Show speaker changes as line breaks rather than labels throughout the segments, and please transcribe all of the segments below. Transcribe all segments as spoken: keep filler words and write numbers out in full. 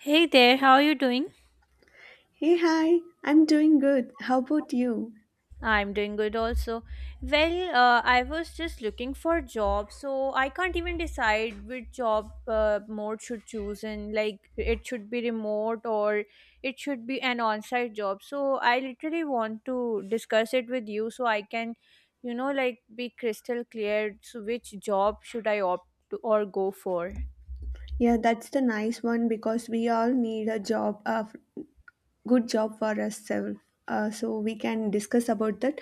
Hey there, how are you doing?
Hey, hi, I'm doing good. How about you?
I'm doing good also. Well, uh, I was just looking for job, so I can't even decide which job uh, mode should choose and like it should be remote or it should be an on-site job. So I literally want to discuss it with you so I can, you know, like be crystal clear so which job should I opt to or go for.
Yeah, that's the nice one because we all need a job, a f- good job for ourselves. Uh, so we can discuss about that.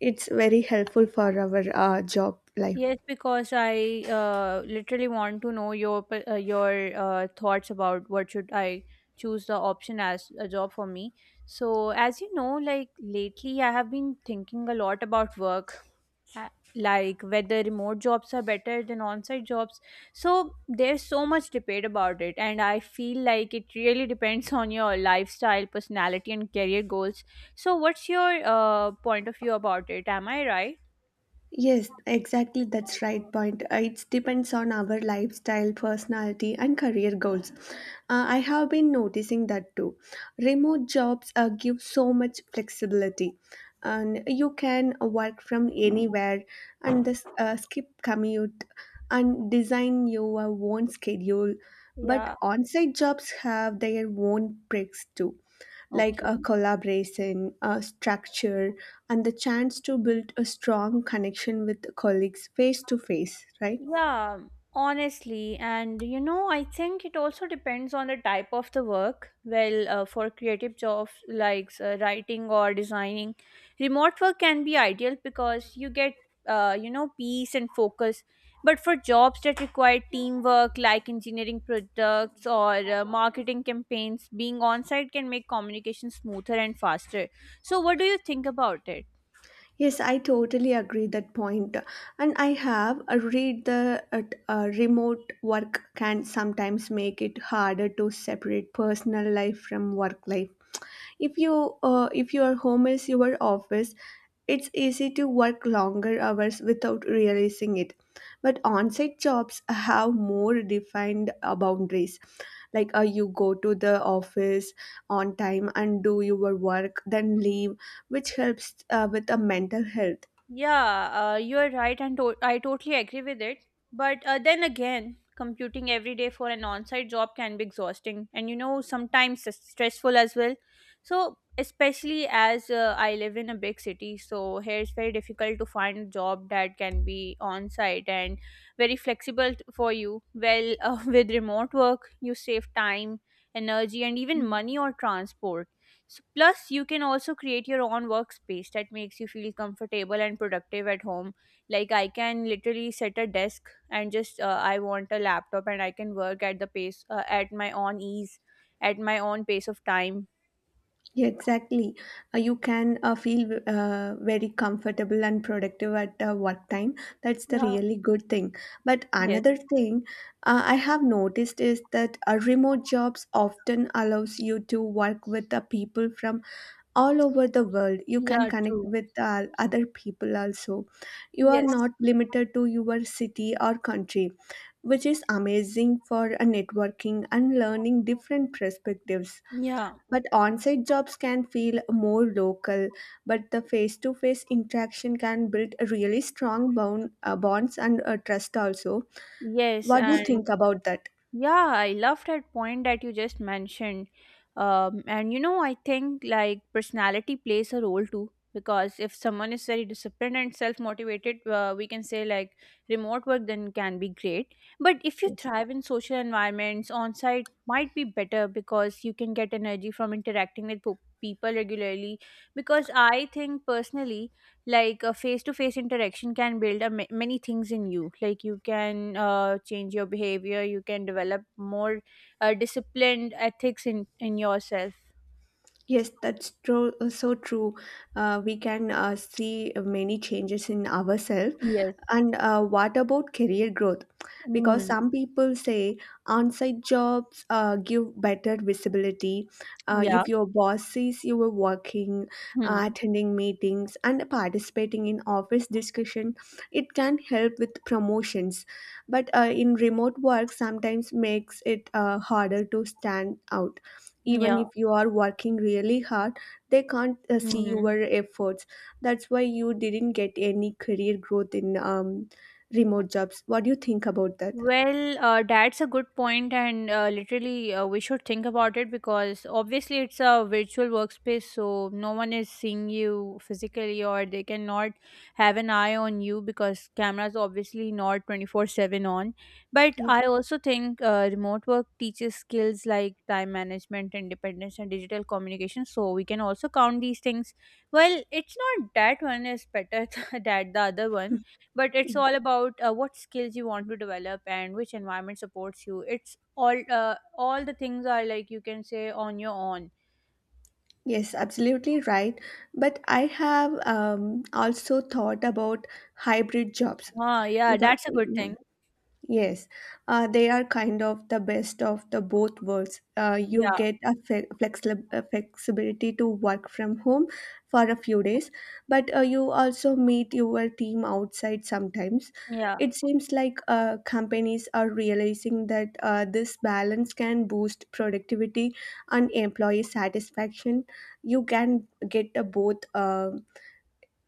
It's very helpful for our uh, job life.
Yes, because I uh, literally want to know your p- uh, your uh, thoughts about what should I choose the option as a job for me. So, as you know, like lately, I have been thinking a lot about work, uh, like whether remote jobs are better than on-site jobs. So, there's so much debate about it, and I feel like it really depends on your lifestyle, personality, and career goals. So, what's your uh, point of view about it? Am I right?
Yes, exactly. That's right point. Uh, It depends on our lifestyle, personality, and career goals. Uh, I have been noticing that too. Remote jobs uh, give so much flexibility, and you can work from anywhere, and this, uh, skip commute, and design your own schedule. But
Yeah.
on-site jobs have their own perks too, like a
Okay.
collaboration, a structure, and the chance to build a strong connection with colleagues face to face, right?
Yeah, honestly, and you know, I think it also depends on the type of the work. Well, uh, for creative jobs like uh, writing or designing, remote work can be ideal because you get, uh, you know, peace and focus. But for jobs that require teamwork, like engineering products or uh, marketing campaigns, being on site can make communication smoother and faster. So, what do you think about it?
Yes, I totally agree that point. And I have uh, read the uh, uh, remote work can sometimes make it harder to separate personal life from work life. If you uh, if your home is your office, it's easy to work longer hours without realizing it. But on-site jobs have more defined uh, boundaries, like uh, you go to the office on time and do your work, then leave, which helps uh, with the mental health.
Yeah, uh, you're right, and to- I totally agree with it. But uh, then again, computing every day for an on site job can be exhausting and, you know, sometimes s- stressful as well. So, especially as uh, I live in a big city, so here it's very difficult to find a job that can be on site and very flexible t- for you. Well, uh, with remote work, you save time, energy, and even money or transport S- Plus, you can also create your own workspace that makes you feel comfortable and productive at home. Like, I can literally set a desk and just uh, I want a laptop and I can work at the pace uh, at my own ease, at my own pace of time.
Yeah, exactly. Uh, you can uh, feel uh, very comfortable and productive at uh, work time. That's the
Yeah.
really good thing. But
Yes.
another thing uh, I have noticed is that uh, remote jobs often allows you to work with the people from all over the world. You can
Yeah,
connect
true.
with uh, other people also. You are not
Yes.
limited to your city or country, which is amazing for a networking and learning different perspectives.
Yeah.
But on-site jobs can feel more local, but the face-to-face interaction can build a really strong bond, uh, bonds and uh, trust also.
Yes,
What do you
and
think about that?
Yeah, I love that point that you just mentioned. Um, and you know, I think like personality plays a role too. Because if someone is very disciplined and self motivated, uh, we can say like remote work then can be great. But if you
Yes.
thrive in social environments, on site might be better because you can get energy from interacting with po- people regularly. Because I think personally, like a face-to-face interaction can build a ma- many things in you like you can uh, change your behavior you can develop more uh, disciplined ethics in in yourself.
Yes, that's true. uh, So true. Uh, we can uh, see many changes in ourselves.
Yes.
And uh, what about career growth? Because
Mm.
some people say on-site jobs uh, give better visibility. Uh,
Yeah.
if your boss sees you were working, uh,
Hmm.
attending meetings, and participating in office discussion, it can help with promotions. But uh, in remote work, sometimes makes it uh, harder to stand out even
Yeah.
if you are working really hard. They can't uh, see your
Hmm.
efforts. That's why you didn't get any career growth in um, remote jobs. What do you think about that?
Well, uh, that's a good point, and uh, literally, uh, we should think about it because obviously it's a virtual workspace, so no one is seeing you physically, or they cannot have an eye on you because cameras obviously not twenty four seven on. But
Yes.
I also think uh, remote work teaches skills like time management, independence, and digital communication, so we can also count these things. Well, it's not that one is better that the other one, but it's all about uh, what skills you want to develop and which environment supports you. It's all uh, all the things are, like, you can say on your own.
Yes, absolutely right. But I have um, also thought about hybrid jobs.
Ah, yeah,
Because
that's a good
yeah.
thing.
Yes, uh, they are kind of the best of the both worlds. Uh, you
Yeah.
get a fe- flexi- uh, flexibility to work from home for a few days, but uh, you also meet your team outside sometimes.
Yeah.
It seems like uh, companies are realizing that uh, this balance can boost productivity and employee satisfaction. You can get uh, both uh,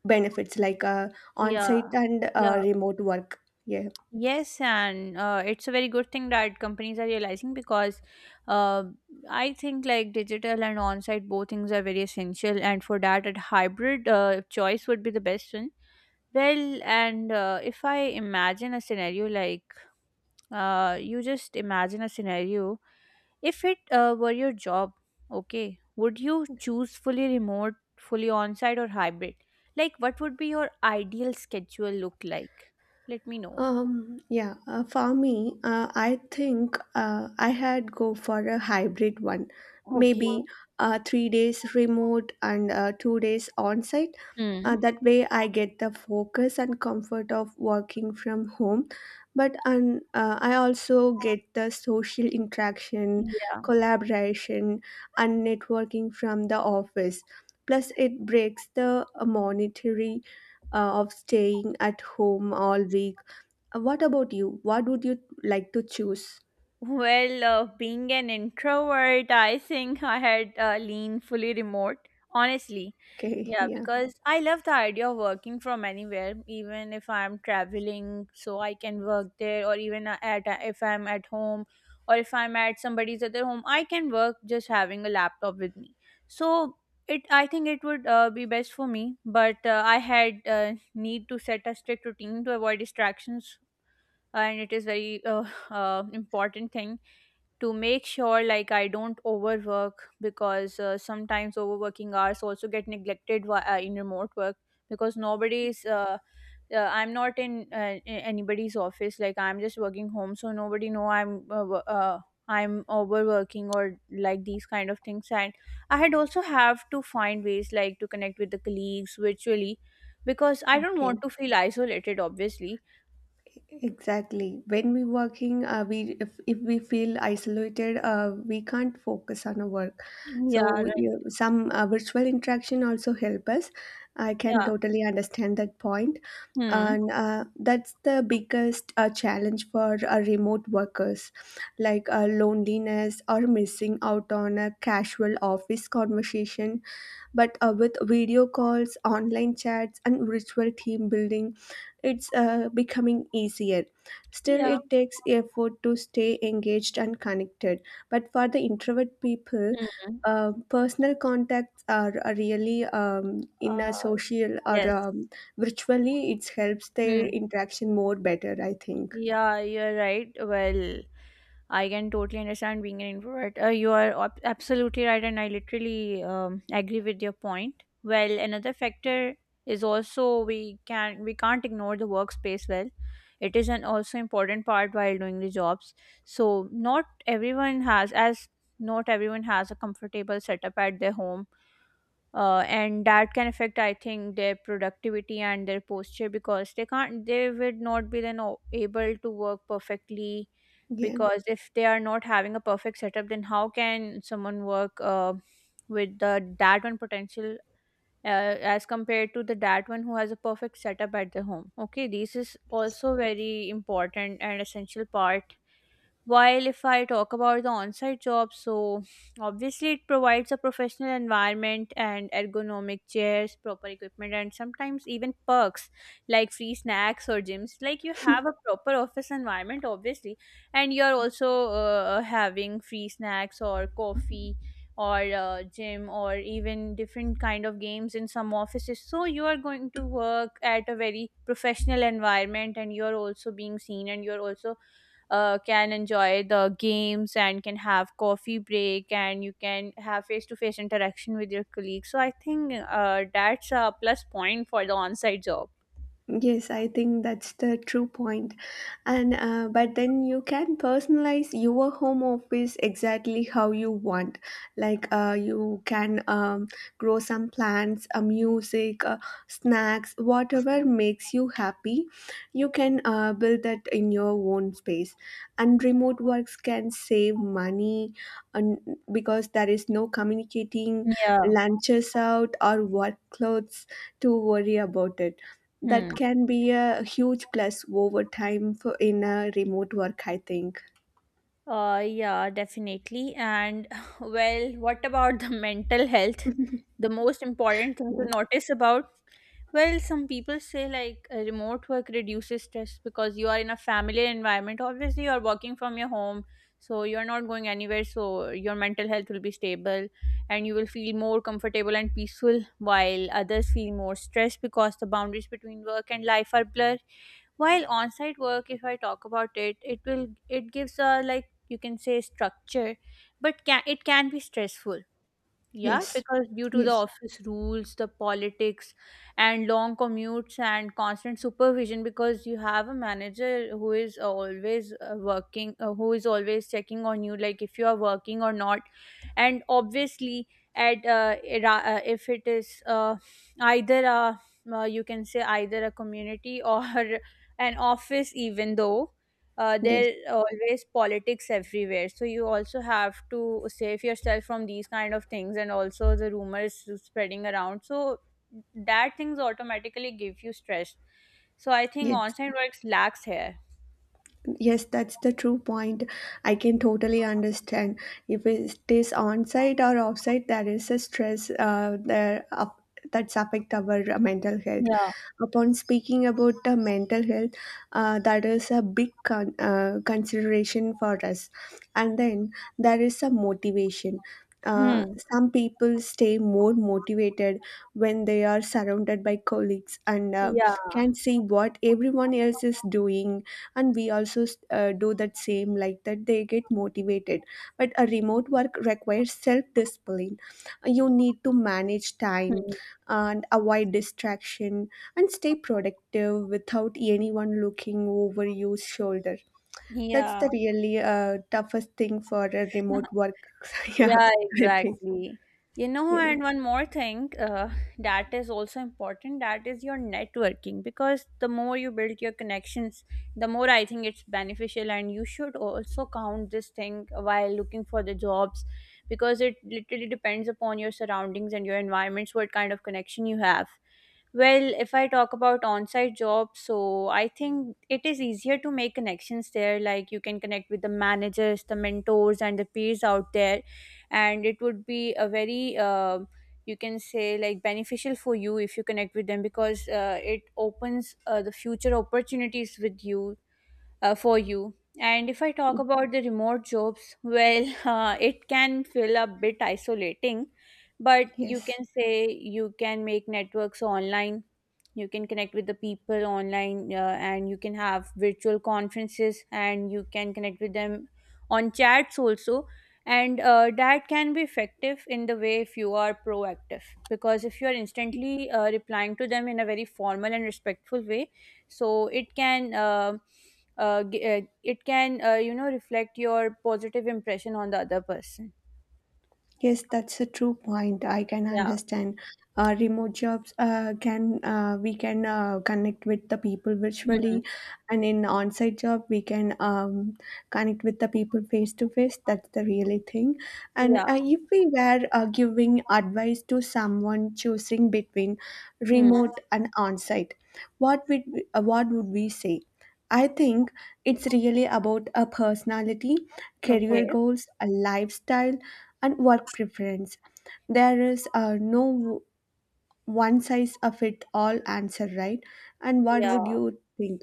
benefits, like uh,
Yeah.
on-site and uh,
Yeah.
remote work. Yeah.
Yes, and uh, it's a very good thing that companies are realizing, because uh, I think like digital and on-site both things are very essential, and for that a hybrid uh, choice would be the best one. Well, and uh, if I imagine a scenario, like uh, you just imagine a scenario, if it uh, were your job, okay, would you choose fully remote, fully on-site, or hybrid? Like what would be your ideal schedule look like? Let me know.
Um, yeah, uh, for me, uh, I think uh, I had go for a hybrid one.
Okay.
Maybe uh, three days remote and uh, two days on site. Uh,
Hmm.
that way, I get the focus and comfort of working from home. But and uh, I also get the social interaction,
Yeah.
collaboration, and networking from the office. Plus, it breaks the uh, monetary uh, of staying at home all week. uh, What about you? What would you like to choose?
Well, uh, being an introvert, I think I had uh, lean fully remote, honestly.
Okay,
Yeah,
yeah.
because I love the idea of working from anywhere, even if I'm traveling, so I can work there, or even a- at a- if I'm at home, or if I'm at somebody's other home, I can work just having a laptop with me. So it, I think it would uh, be best for me, but uh, I had uh, need to set a strict routine to avoid distractions, and it is very uh, uh, important thing to make sure like I don't overwork because uh, sometimes overworking hours also get neglected whi- uh, in remote work because nobody's uh, uh, I'm not in uh, a- anybody's office like I'm just working home, so nobody know i'm uh, wo- uh, i'm overworking or like these kind of things, and I had also have to find ways like to connect with the colleagues virtually, because I don't want
Okay.
to feel isolated, obviously.
Exactly. When we working, uh, we if, if we feel isolated, uh, we can't focus on our work.
Yeah,
So
right.
you, some uh, virtual interaction also help us. I can
Yeah.
totally understand that point,
Hmm.
and uh, that's the biggest uh, challenge for uh, remote workers, like uh, loneliness or missing out on a casual office conversation. But uh, with video calls, online chats, and virtual team building, it's uh, becoming easier. Still,
Yeah.
it takes effort to stay engaged and connected. But for the introvert people,
Hmm.
uh, personal contacts are, are really um, in a
Uh,
social or
yes.
um, virtually, it helps
Hmm.
their interaction more better, I think.
Yeah, you're right. Well, I can totally understand being an introvert. Uh, you are ab- absolutely right, and I literally um, agree with your point. Well, another factor is also we can we can't ignore the workspace. Well, it is an also important part while doing the jobs. So not everyone has as not everyone has a comfortable setup at their home, uh, and that can affect I think their productivity and their posture, because they can't, they would not be then o- able to work perfectly,
Yeah.
because if they are not having a perfect setup then how can someone work uh, with the that one potential, uh, as compared to the that one who has a perfect setup at the home. Okay, this is also very important and essential part. While if I talk about the on-site job, so obviously it provides a professional environment and ergonomic chairs, proper equipment, and sometimes even perks like free snacks or gyms. Like you have a proper office environment, obviously, and you're also uh, having free snacks or coffee or uh, gym or even different kind of games in some offices, so you are going to work at a very professional environment, and you're also being seen, and you're also uh, can enjoy the games and can have coffee break, and you can have face-to-face interaction with your colleagues, so I think uh, that's a plus point for the on-site job.
Yes, I think that's the true point. And uh, but then you can personalize your home office exactly how you want. Like uh, you can um, grow some plants, uh, music, uh, snacks, whatever makes you happy. You can uh, build that in your own space. And remote works can save money, and because there is no communicating,
Yeah.
lunches out, or work clothes to worry about it.
Hmm.
That can be a huge plus over time for in a remote work, I think.
Uh, yeah, definitely. And well, what about the mental health, the most important thing to
Yeah.
notice about? Well, some people say like uh, remote work reduces stress because you are in a family environment. Obviously, you are working from your home, so you are not going anywhere. So your mental health will be stable, and you will feel more comfortable and peaceful. While others feel more stressed because the boundaries between work and life are blurred. While on-site work, if I talk about it, it will it gives a, like you can say, structure, but can, it can be stressful, yeah,
Yes,
because due to the
yes,
office rules, the politics, and long commutes and constant supervision, because you have a manager who is uh, always uh, working, uh, who is always checking on you, like if you are working or not. And obviously, at uh, ira- uh, if it is uh, either a, uh, you can say either a community or an office, even though uh,
yes,
there always politics everywhere, so you also have to save yourself from these kind of things and also the rumors spreading around, so that things automatically give you stress. So I think
yes.
on-site works lacks here.
Yes, that's the true point. I can totally understand. If it is on-site or off-site, there is a stress uh, there up, that's affect our uh, mental health.
Yeah.
Upon speaking about the mental health, uh, that is a big con- uh, consideration for us. And then there is a motivation. Uh,
Hmm.
some people stay more motivated when they are surrounded by colleagues and uh,
Yeah.
can see what everyone else is doing, and we also uh, do that same, like that they get motivated. But a remote work requires self discipline. You need to manage time
Hmm.
and avoid distraction and stay productive without anyone looking over your shoulder. That's
Yeah.
the really uh, toughest thing for a remote work. Yeah.
Yeah,
I think
exactly. You know,
yeah.
and one more thing uh, that is also important, that is your networking, because the more you build your connections, the more I think it's beneficial. And you should also count this thing while looking for the jobs, because it literally depends upon your surroundings and your environments, what kind of connection you have. Well, if I talk about on-site jobs, so I think it is easier to make connections there. Like you can connect with the managers, the mentors, and the peers out there, and it would be a very uh, you can say like beneficial for you if you connect with them, because uh, it opens uh, the future opportunities with you uh, for you. And if I talk about the remote jobs, well, uh, it can feel a bit isolating, but you
Yes.
can say you can make networks online, you can connect with the people online, uh, and you can have virtual conferences and you can connect with them on chats also. And uh, that can be effective in the way if you are proactive, because if you are instantly uh, replying to them in a very formal and respectful way, so it can. Uh, uh, g- uh, it can uh, you know reflect your positive impression on the other person.
Yes, that's a true point. I can
Yeah.
understand. Uh, remote jobs uh, can uh, we can uh, connect with the people
Hmm.
virtually, and in on-site job, we can um, connect with the people face to face. That's the really thing. And
Yeah.
uh, if we were uh, giving advice to someone choosing between
Hmm.
remote and on-site, what would we, uh, what would we say? I think it's really about a personality,
Okay.
career goals, a lifestyle, and work preference. There is uh, no one size of it all answer, right? And what would
Yeah,
you think?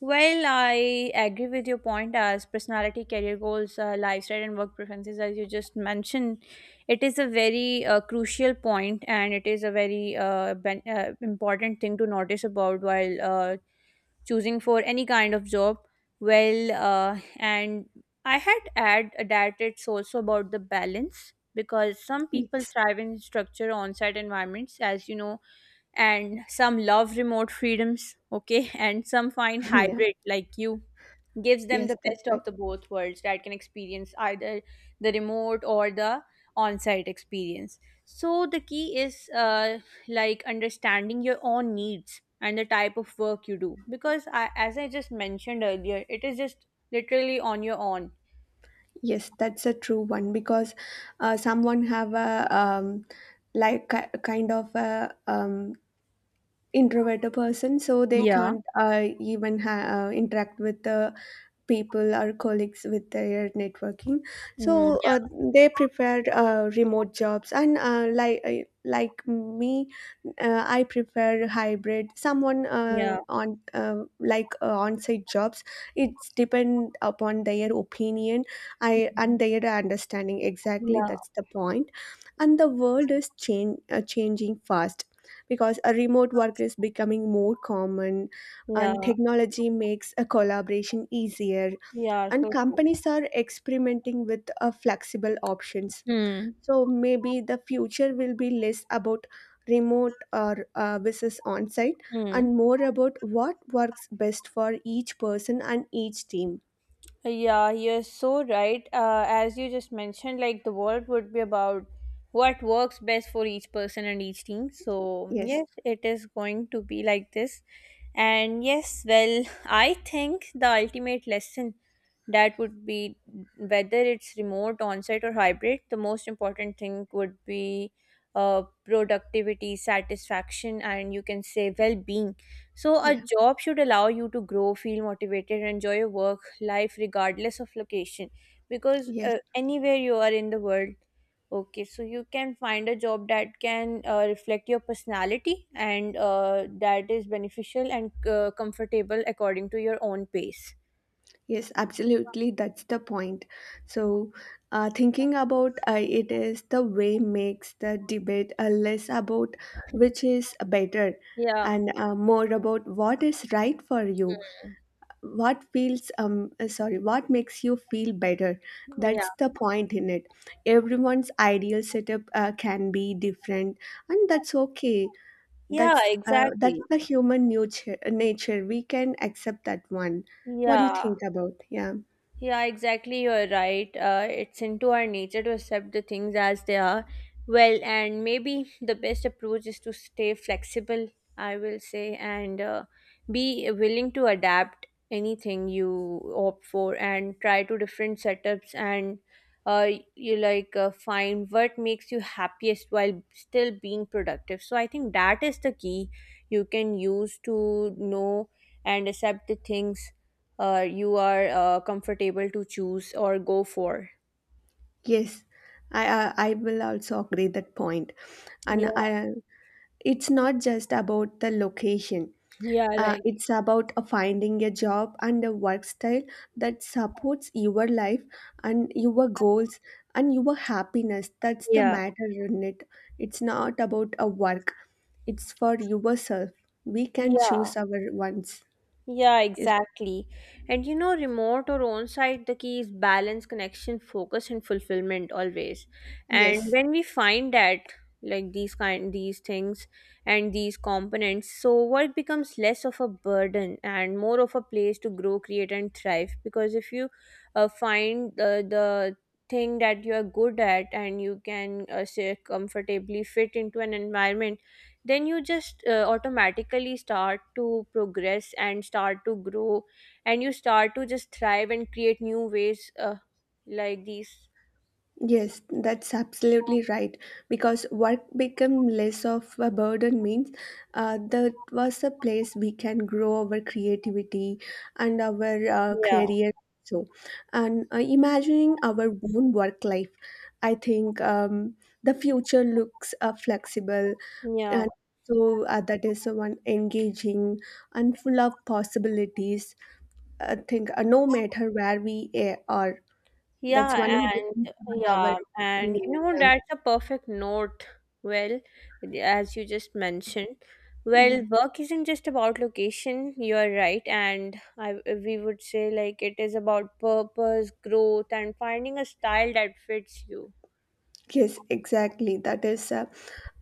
well, I agree with your point as personality, career goals, uh, lifestyle, and work preferences. As you just mentioned, it is a very uh, crucial point, and it is a very uh, ben- uh, important thing to notice about while uh, choosing for any kind of job. Well uh, and I had add that it's also about the balance, because some people
Yes.
thrive in structure on-site environments, as you know, and some love remote freedoms, okay, and some find
Yeah.
hybrid, like, you gives them
Yes,
the
that's
best of
right.
the both worlds, that can experience either the remote or the on-site experience. So the key is, uh, like, understanding your own needs and the type of work you do, because I, as i just mentioned earlier, it is just literally on your own.
Yes, that's a true one because uh, someone have a um, like ki- kind of a um, introverted person, so they
Yeah.
can't uh, even ha- uh, interact with the people or colleagues with their networking.
mm.
So uh,
Yeah.
they prefer uh, remote jobs, and uh, like uh, like me, uh, I prefer hybrid. Someone uh,
Yeah.
on uh, like uh, on-site jobs, it's depend upon their opinion I and their understanding. Exactly, that's the point. And the world is change, uh, changing fast, because a remote work is becoming more common
Yeah.
and technology makes a collaboration easier,
Yeah,
and
so true.
companies are experimenting with uh, flexible options.
Hmm.
So maybe the future will be less about remote or uh, versus on site,
Hmm.
and more about what works best for each person and each team.
Yeah, you're so right. Uh, as you just mentioned, like, the world would be about what works best for each person and each team. So,
Yes.
yes, it is going to be like this. And yes, well, I think the ultimate lesson that would be whether it's remote, on-site, or hybrid, the most important thing would be uh, productivity, satisfaction, and you can say well-being. So a
Yeah.
job should allow you to grow, feel motivated, and enjoy your work life regardless of location. Because
Yes.
uh, anywhere you are in the world, okay, so you can find a job that can uh, reflect your personality, and uh, that is beneficial and uh, comfortable according to your own pace.
Yes, absolutely. That's the point. So, uh, thinking about uh, it is the way makes the debate uh, less about which is better,
Yeah.
and uh, more about what is right for you,
Hmm.
what feels um uh, sorry, what makes you feel better.
Yeah.
That's the point in it. Everyone's ideal setup uh, can be different, and that's okay.
Yeah,
That's uh, that's
exactly.
the human nature. Nature, we can accept that one. What do you
Yeah.
think about? Yeah.
Yeah, exactly. You're right. Uh, it's into our nature to accept the things as they are. Well, and maybe the best approach is to stay flexible, I will say, and uh, be willing to adapt anything you opt for and try to different setups, and uh, you like uh, find what makes you happiest while still being productive. So I think that is the key you can use to know and accept the things uh, you are uh, comfortable to choose or go for.
Yes, I I I will also agree that point. And
Yeah,
I, it's not just about the location.
yeah,
Uh,
right.
it's about uh, finding a job and a work style that supports your life and your goals and your happiness. That's the
Yeah.
matter in it. It's not about a work. It's for yourself. We can
Yeah.
choose our ones.
Yeah,
Yes.
exactly. And, you know, remote or on site, the key is balance, connection, focus, and fulfillment always. And
Yes.
when we find that, like, these kind these things and these components, so work becomes less of a burden and more of a place to grow, create, and thrive. Because if you uh, find uh, the thing that you are good at and you can uh, say comfortably fit into an environment, then you just uh, automatically start to progress and start to grow, and you start to just thrive and create new ways, uh, like these.
Yes, that's absolutely right. Because work became less of a burden means uh, that was a place we can grow our creativity and our uh,
Yeah.
career. So, and uh, imagining our own work life, I think um, the future looks uh, flexible,
Yeah.
and so uh, that is uh, one engaging and full of possibilities. I think uh, no matter where we uh, are. That's
yeah
only
and
depends from our
yeah. And, you
opinion.
know,
Yeah.
that's a perfect note. Well, as you just mentioned,
Yeah.
well, work isn't just about location, you are right, and I, we would say, like, it is about purpose, growth, and finding a style that fits you.
Yes, exactly. That is uh,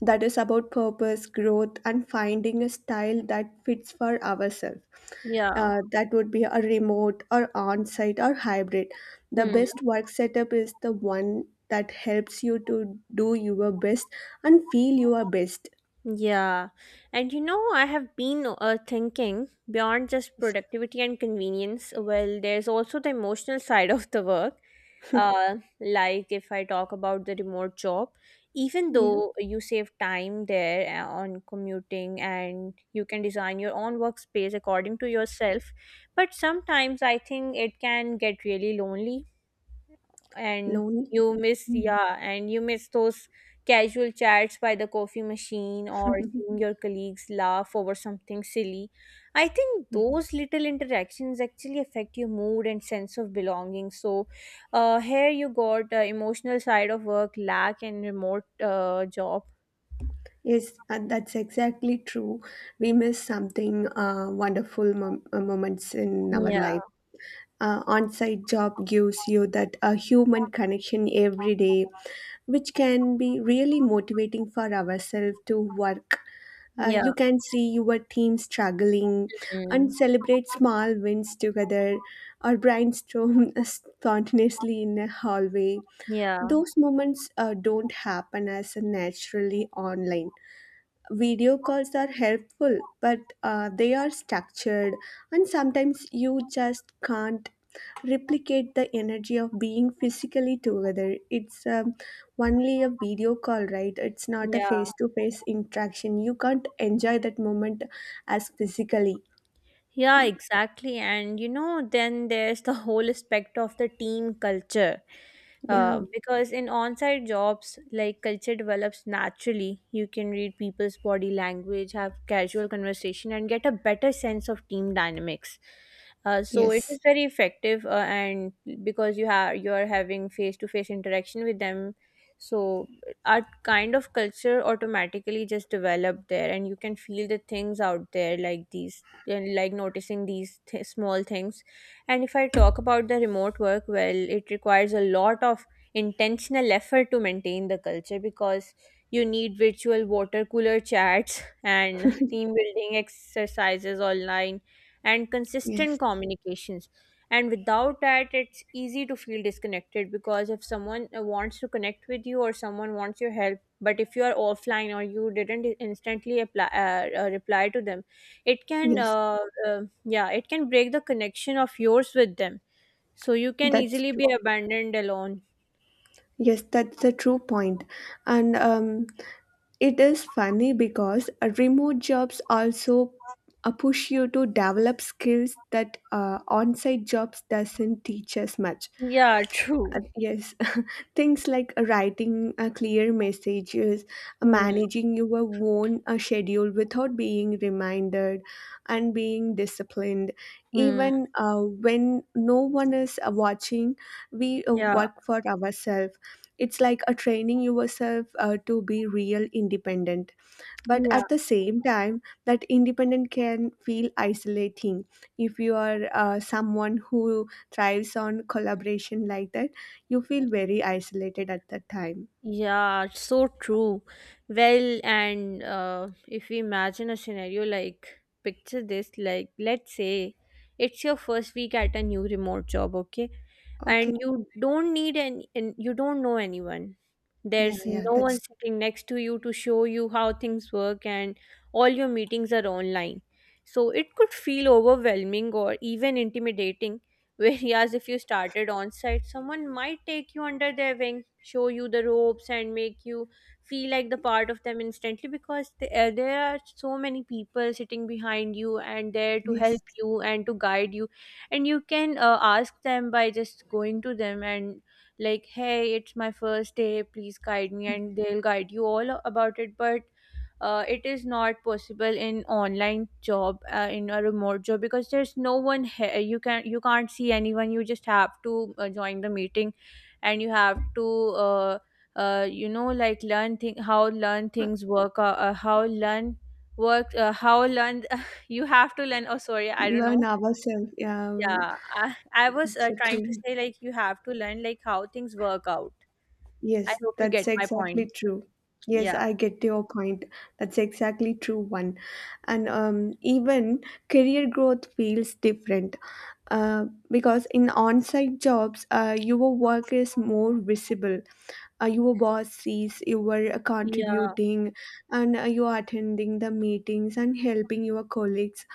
that is about purpose, growth, and finding a style that fits for ourselves.
Yeah.
Uh, that would be a remote or on-site or hybrid. The
Hmm.
best work setup is the one that helps you to do your best and feel your best.
Yeah. And, you know, I have been uh, thinking beyond just productivity and convenience. Well, there's also the emotional side of the work. Uh, like, if I talk about the remote job, even
Yeah,
though you save time there uh, on commuting and you can design your own workspace according to yourself, but sometimes I think it can get really lonely, and
lonely.
you miss,
Mm.
yeah, and you miss those casual chats by the coffee machine or seeing your colleagues laugh over something silly. I think
Yes.
those little interactions actually affect your mood and sense of belonging. So, uh, here you got uh, emotional side of work lack and remote uh, job.
Yes, and that's exactly true. We miss something uh, wonderful mom- uh, moments in our
Yeah.
life. Uh, on-site job gives you that uh, human connection every day, which can be really motivating for ourselves to work. Uh,
Yeah.
you can see your team struggling
Mm.
and celebrate small wins together, or brainstorm spontaneously in a hallway.
Yeah.
Those moments uh, don't happen as naturally online. Video calls are helpful, but uh, they are structured, and sometimes you just can't replicate the energy of being physically together. It's um, only a video call, right? It's not a
Yeah.
face to face interaction. You can't enjoy that moment as physically.
Yeah, exactly. And, you know, then there's the whole aspect of the team culture.
Yeah,
Uh, because in on-site jobs, like, culture develops naturally. You can read people's body language, have casual conversation, and get a better sense of team dynamics. Uh, so it
yes,
is very effective, uh, and because you have you are having face-to-face interaction with them, so our kind of culture automatically just developed there, and you can feel the things out there, like these, and like noticing these th- small things. And if I talk about the remote work, well, it requires a lot of intentional effort to maintain the culture, because you need virtual water cooler chats and team building exercises online and consistent
yes,
communications. And without that, it's easy to feel disconnected, because if someone uh, wants to connect with you or someone wants your help, but if you are offline or you didn't instantly apply, uh, uh, reply to them, it can
yes,
uh, uh, yeah, it can break the connection of yours with them, so you can
that's
easily
true.
be abandoned alone.
Yes, that's a true point. And um, it is funny because uh, remote jobs also uh, push you to develop skills that uh, on-site jobs doesn't teach as much.
Yeah.
Uh,
True.
yes, things like writing uh, clear messages, uh,
Hmm.
managing your own uh, schedule without being reminded, and being disciplined.
Hmm.
Even uh, when no one is uh, watching, we uh,
Yeah.
work for ourselves. It's like a training yourself uh, to be real independent, but
Yeah.
at the same time that independent can feel isolating if you are uh, someone who thrives on collaboration like that. You feel very isolated at that time.
Yeah, so true. Well, and uh, if we imagine a scenario, like, picture this, like, let's say it's your first week at a new remote job, okay,
Okay.
and you don't need any and you don't know anyone,
Yeah,
there's
yeah,
no
that's,
one sitting next to you to show you how things work, and all your meetings are online, so it could feel overwhelming or even intimidating. Whereas if you started on site, someone might take you under their wing, show you the ropes, and make you feel like the part of them instantly, because there, there are so many people sitting behind you and there to
yes.
help you and to guide you, and you can uh, ask them by just going to them and, like, hey, it's my first day, please guide me, and they'll guide you all about it. But uh, it is not possible in online job, uh, in a remote job, because there's no one here, you can you can't see anyone, you just have to uh, join the meeting, and you have to uh, uh, you know, like, learn thing how learn
Uh,
things work, uh, uh, how learn work uh, how learn you have to learn, oh, sorry, I don't
Learn
know.
ourselves. Yeah.
Yeah, I, I was
It's
uh,
so
trying to
true.
say, like, you have to learn like how things work out. I
Yes,
hope you get
that's
my point.
exactly true. Yes,
Yeah.
I get your point. That's exactly true one. And um, even career growth feels different, uh, because in on-site jobs uh, your work is more visible, uh, your boss sees you are uh,
yeah,
contributing and uh, you are attending the meetings and helping your colleagues,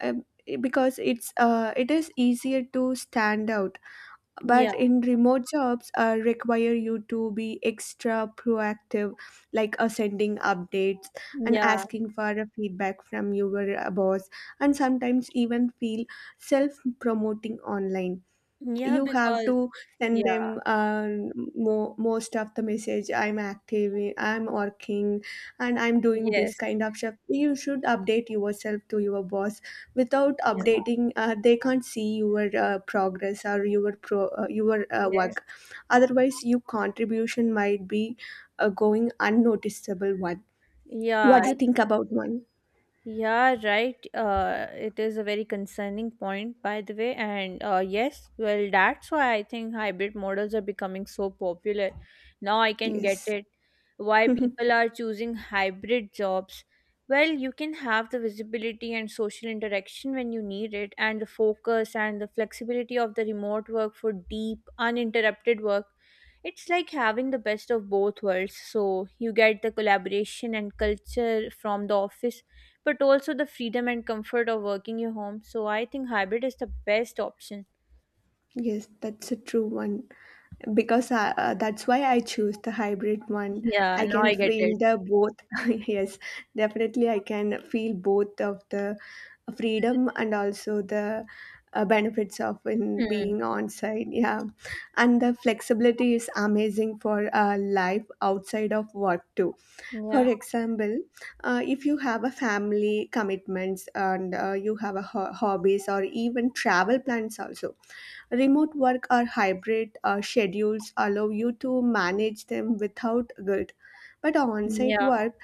uh, because it's uh, it is easier to stand out. But
yeah,
in remote jobs uh, require you to be extra proactive, like uh, sending updates and
yeah,
asking for a feedback from your uh, boss, and sometimes even feel self promoting online.
yeah.
You have
Because
to send
Yeah.
them uh, mo- most of the message, I'm active, I'm working, and I'm doing this
Yes.
kind of stuff. You should update yourself to your boss. Without
Yeah.
updating uh, they can't see your uh, progress or your pro- uh, your uh,
Yes.
work. Otherwise your contribution might be uh, going unnoticeable one.
Yeah.
What do you think about one?
Yeah, right. Uh, it is a very concerning point, by the way. And uh, yes, well, that's why I think hybrid models are becoming so popular. Now I can get
Yes.
it why people are choosing hybrid jobs. Well, you can have the visibility and social interaction when you need it, and the focus and the flexibility of the remote work for deep, uninterrupted work. It's like having the best of both worlds. So you get the collaboration and culture from the office, but also the freedom and comfort of working your home. So I think hybrid is the best option.
Yes, that's a true one, because uh, uh, that's why I choose the hybrid one.
Yeah,
I
now
can
I get
feel
it.
the both. Yes, definitely, I can feel both of the freedom and also the uh, benefits of in
Hmm.
being on site. Yeah, and the flexibility is amazing for uh, life outside of work too. For
Yeah,
example, uh, if you have a family commitments and uh, you have a ho- hobbies or even travel plans also. Remote work or hybrid uh, schedules allow you to manage them without guilt. But on site
yeah,
work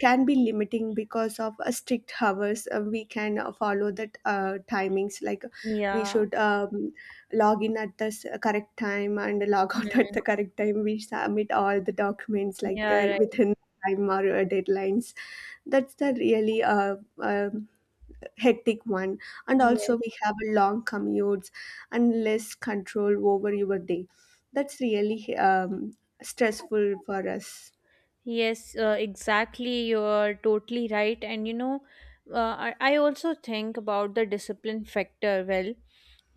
can be limiting because of uh, strict hours. Uh, we can uh, follow the uh, timings, like we
yeah.
should um, log in at the s- correct time and log out at
Hmm.
the correct time. We submit all the documents like
Yeah,
that
right.
within time or uh, deadlines. That's the really uh, uh, hectic one, and
Yes.
also we have a long commutes and less control over your day. That's really um, stressful for us.
yes, uh, exactly. You're totally right. And, you know, uh, I I also think about the discipline factor. Well,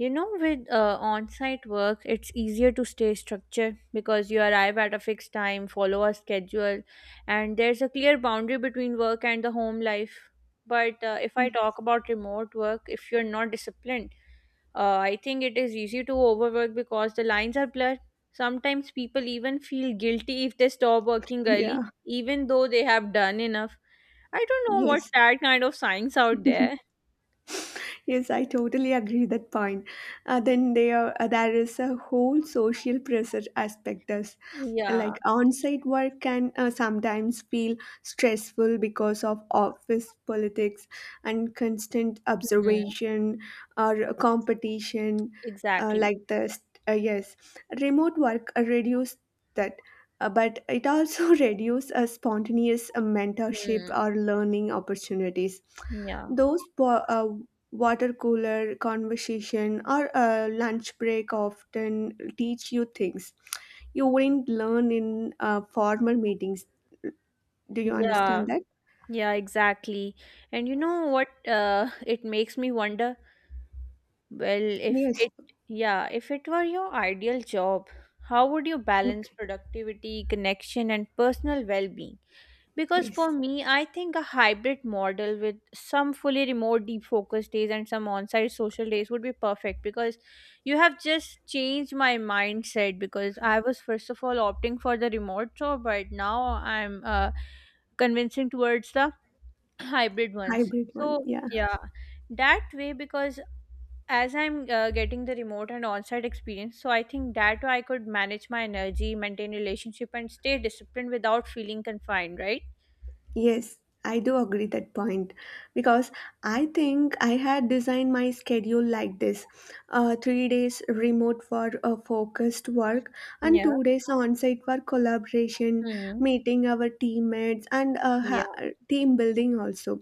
you know, with uh, on site work, it's easier to stay structured because you arrive at a fixed time, follow a schedule, and there's a clear boundary between work and the home life. But uh, if I talk about remote work, if you're not disciplined, uh, I think it is easy to overwork because the lines are blurred. Sometimes people even feel guilty if they stop working early,
Yeah.
even though they have done enough. I don't know what's
Yes.
that kind of science out there.
Yes, I totally agree that point. Uh, then there uh, there is a whole social pressure aspect as
Yeah.
like on-site work can uh, sometimes feel stressful because of office politics and constant
Mhm.
observation or competition uh,
Exactly.
like this. Uh, yes, remote work uh, reduce that. Uh, but it also reduces uh, spontaneous uh, mentorship
Hmm.
or learning opportunities.
Yeah.
those po- uh, Water cooler conversation or a lunch break often teach you things you wouldn't learn in uh, formal meetings. Do you understand
Yeah,
that?
yeah, exactly. And you know what, uh, it makes me wonder? Well, if
Yes.
it, Yeah, if it were your ideal job, how would you balance
Okay.
productivity, connection, and personal well-being? Because
Yes.
for me, I think a hybrid model with some fully remote deep focus days and some on-site social days would be perfect, because you have just changed my mindset, because I was first of all opting for the remote job, but now I'm uh, convincing towards the hybrid ones.
Hybrid one.
So,
Yeah.
yeah, that way, because as I'm uh, getting the remote and on-site experience, so I think that way I could manage my energy, maintain relationship, and stay disciplined without feeling confined, right?
Yes, I do agree that point, because I think I had designed my schedule like this: uh, three days remote for uh, focused work and
Yeah.
two days on-site for collaboration,
mm.
meeting our teammates and uh, ha-
Yeah.
team building also.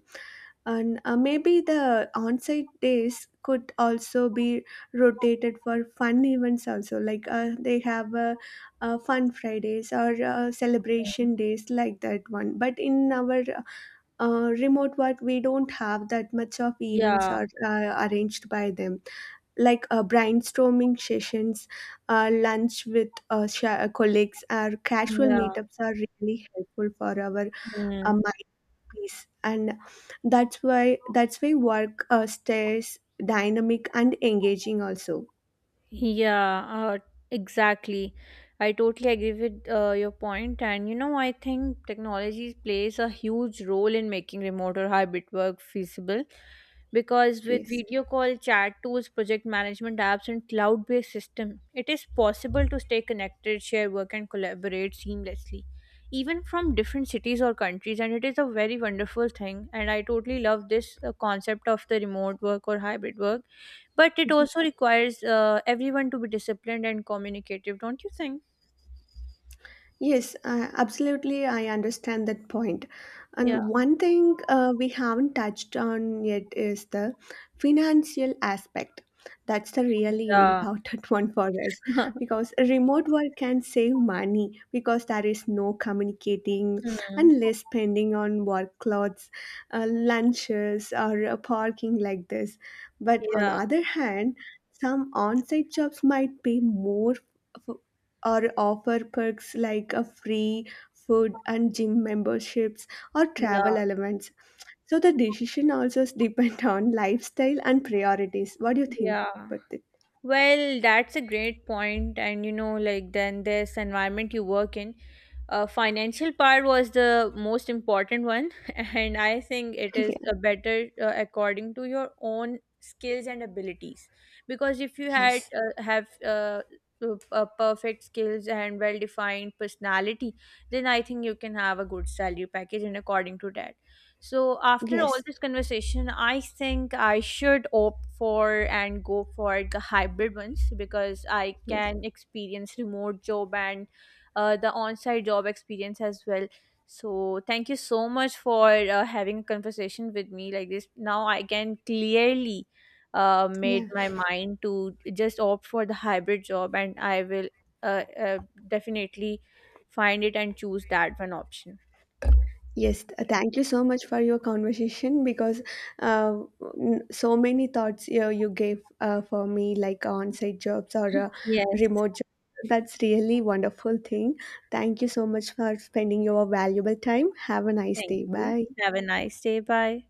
And uh, maybe the on-site days could also be rotated for fun events also, like uh, they have a uh, fun Fridays or uh,
Mm.
celebration days like that one. But in our uh, remote work we don't have that much of events
Yeah.
are uh, arranged by them, like uh, brainstorming sessions, uh, lunch with uh, sha uh, colleagues or casual
Yeah.
meetups are really helpful for our uh,
mm.
mind peace, and that's why, that's why work uh, stays dynamic and engaging also.
Yeah, uh, exactly. I totally agree with uh, your point. And, you know, I think technology plays a huge role in making remote or hybrid work feasible, because with
Yes.
video call, chat tools, project management apps, and cloud based system, it is possible to stay connected, share work, and collaborate seamlessly, even from different cities or countries. And it is a very wonderful thing. And I totally love this uh, concept of the remote work or hybrid work, but it also requires uh, everyone to be disciplined and communicative, don't you think?
Yes, uh, absolutely. I understand that point.
Yeah.
And one thing uh, we haven't touched on yet is the financial aspect. That's the really
Yeah.
important one for us, because remote work can save money, because there is no communicating
Hmm.
and less spending on work clothes, uh, lunches, or uh, parking like this. But on
Yeah.
other hand, some on-site jobs might pay more or offer perks like a free food and gym memberships or travel
Yeah.
elements. So the decision also is depend on lifestyle and priorities. What do you think
Yeah.
about it?
Well, that's a great point, and, you know, like, then this environment you work in, uh, financial part was the most important one, and I think it is
Yeah.
a better uh, according to your own skills and abilities. Because if you had
Yes.
uh, have uh, uh, uh, perfect skills and well defined personality, then I think you can have a good salary package and according to that. So after all
Yes.
this conversation, I think I should opt for and go for the hybrid ones, because I
Yes.
can experience remote job and uh, the on-site job experience as well. So thank you so much for uh, having a conversation with me like this. Now I can clearly uh, made
Yeah.
my mind to just opt for the hybrid job, and I will uh, uh, definitely find it and choose that one option.
Yes, th- thank you so much for your conversation, because uh, n- so many thoughts you, you gave uh, for me, like on site jobs or uh,
Yes.
remote jobs. That's really wonderful thing. Thank you so much for spending your valuable time. Have a nice
Thank
day.
you.
Bye.
Have a nice day. Bye.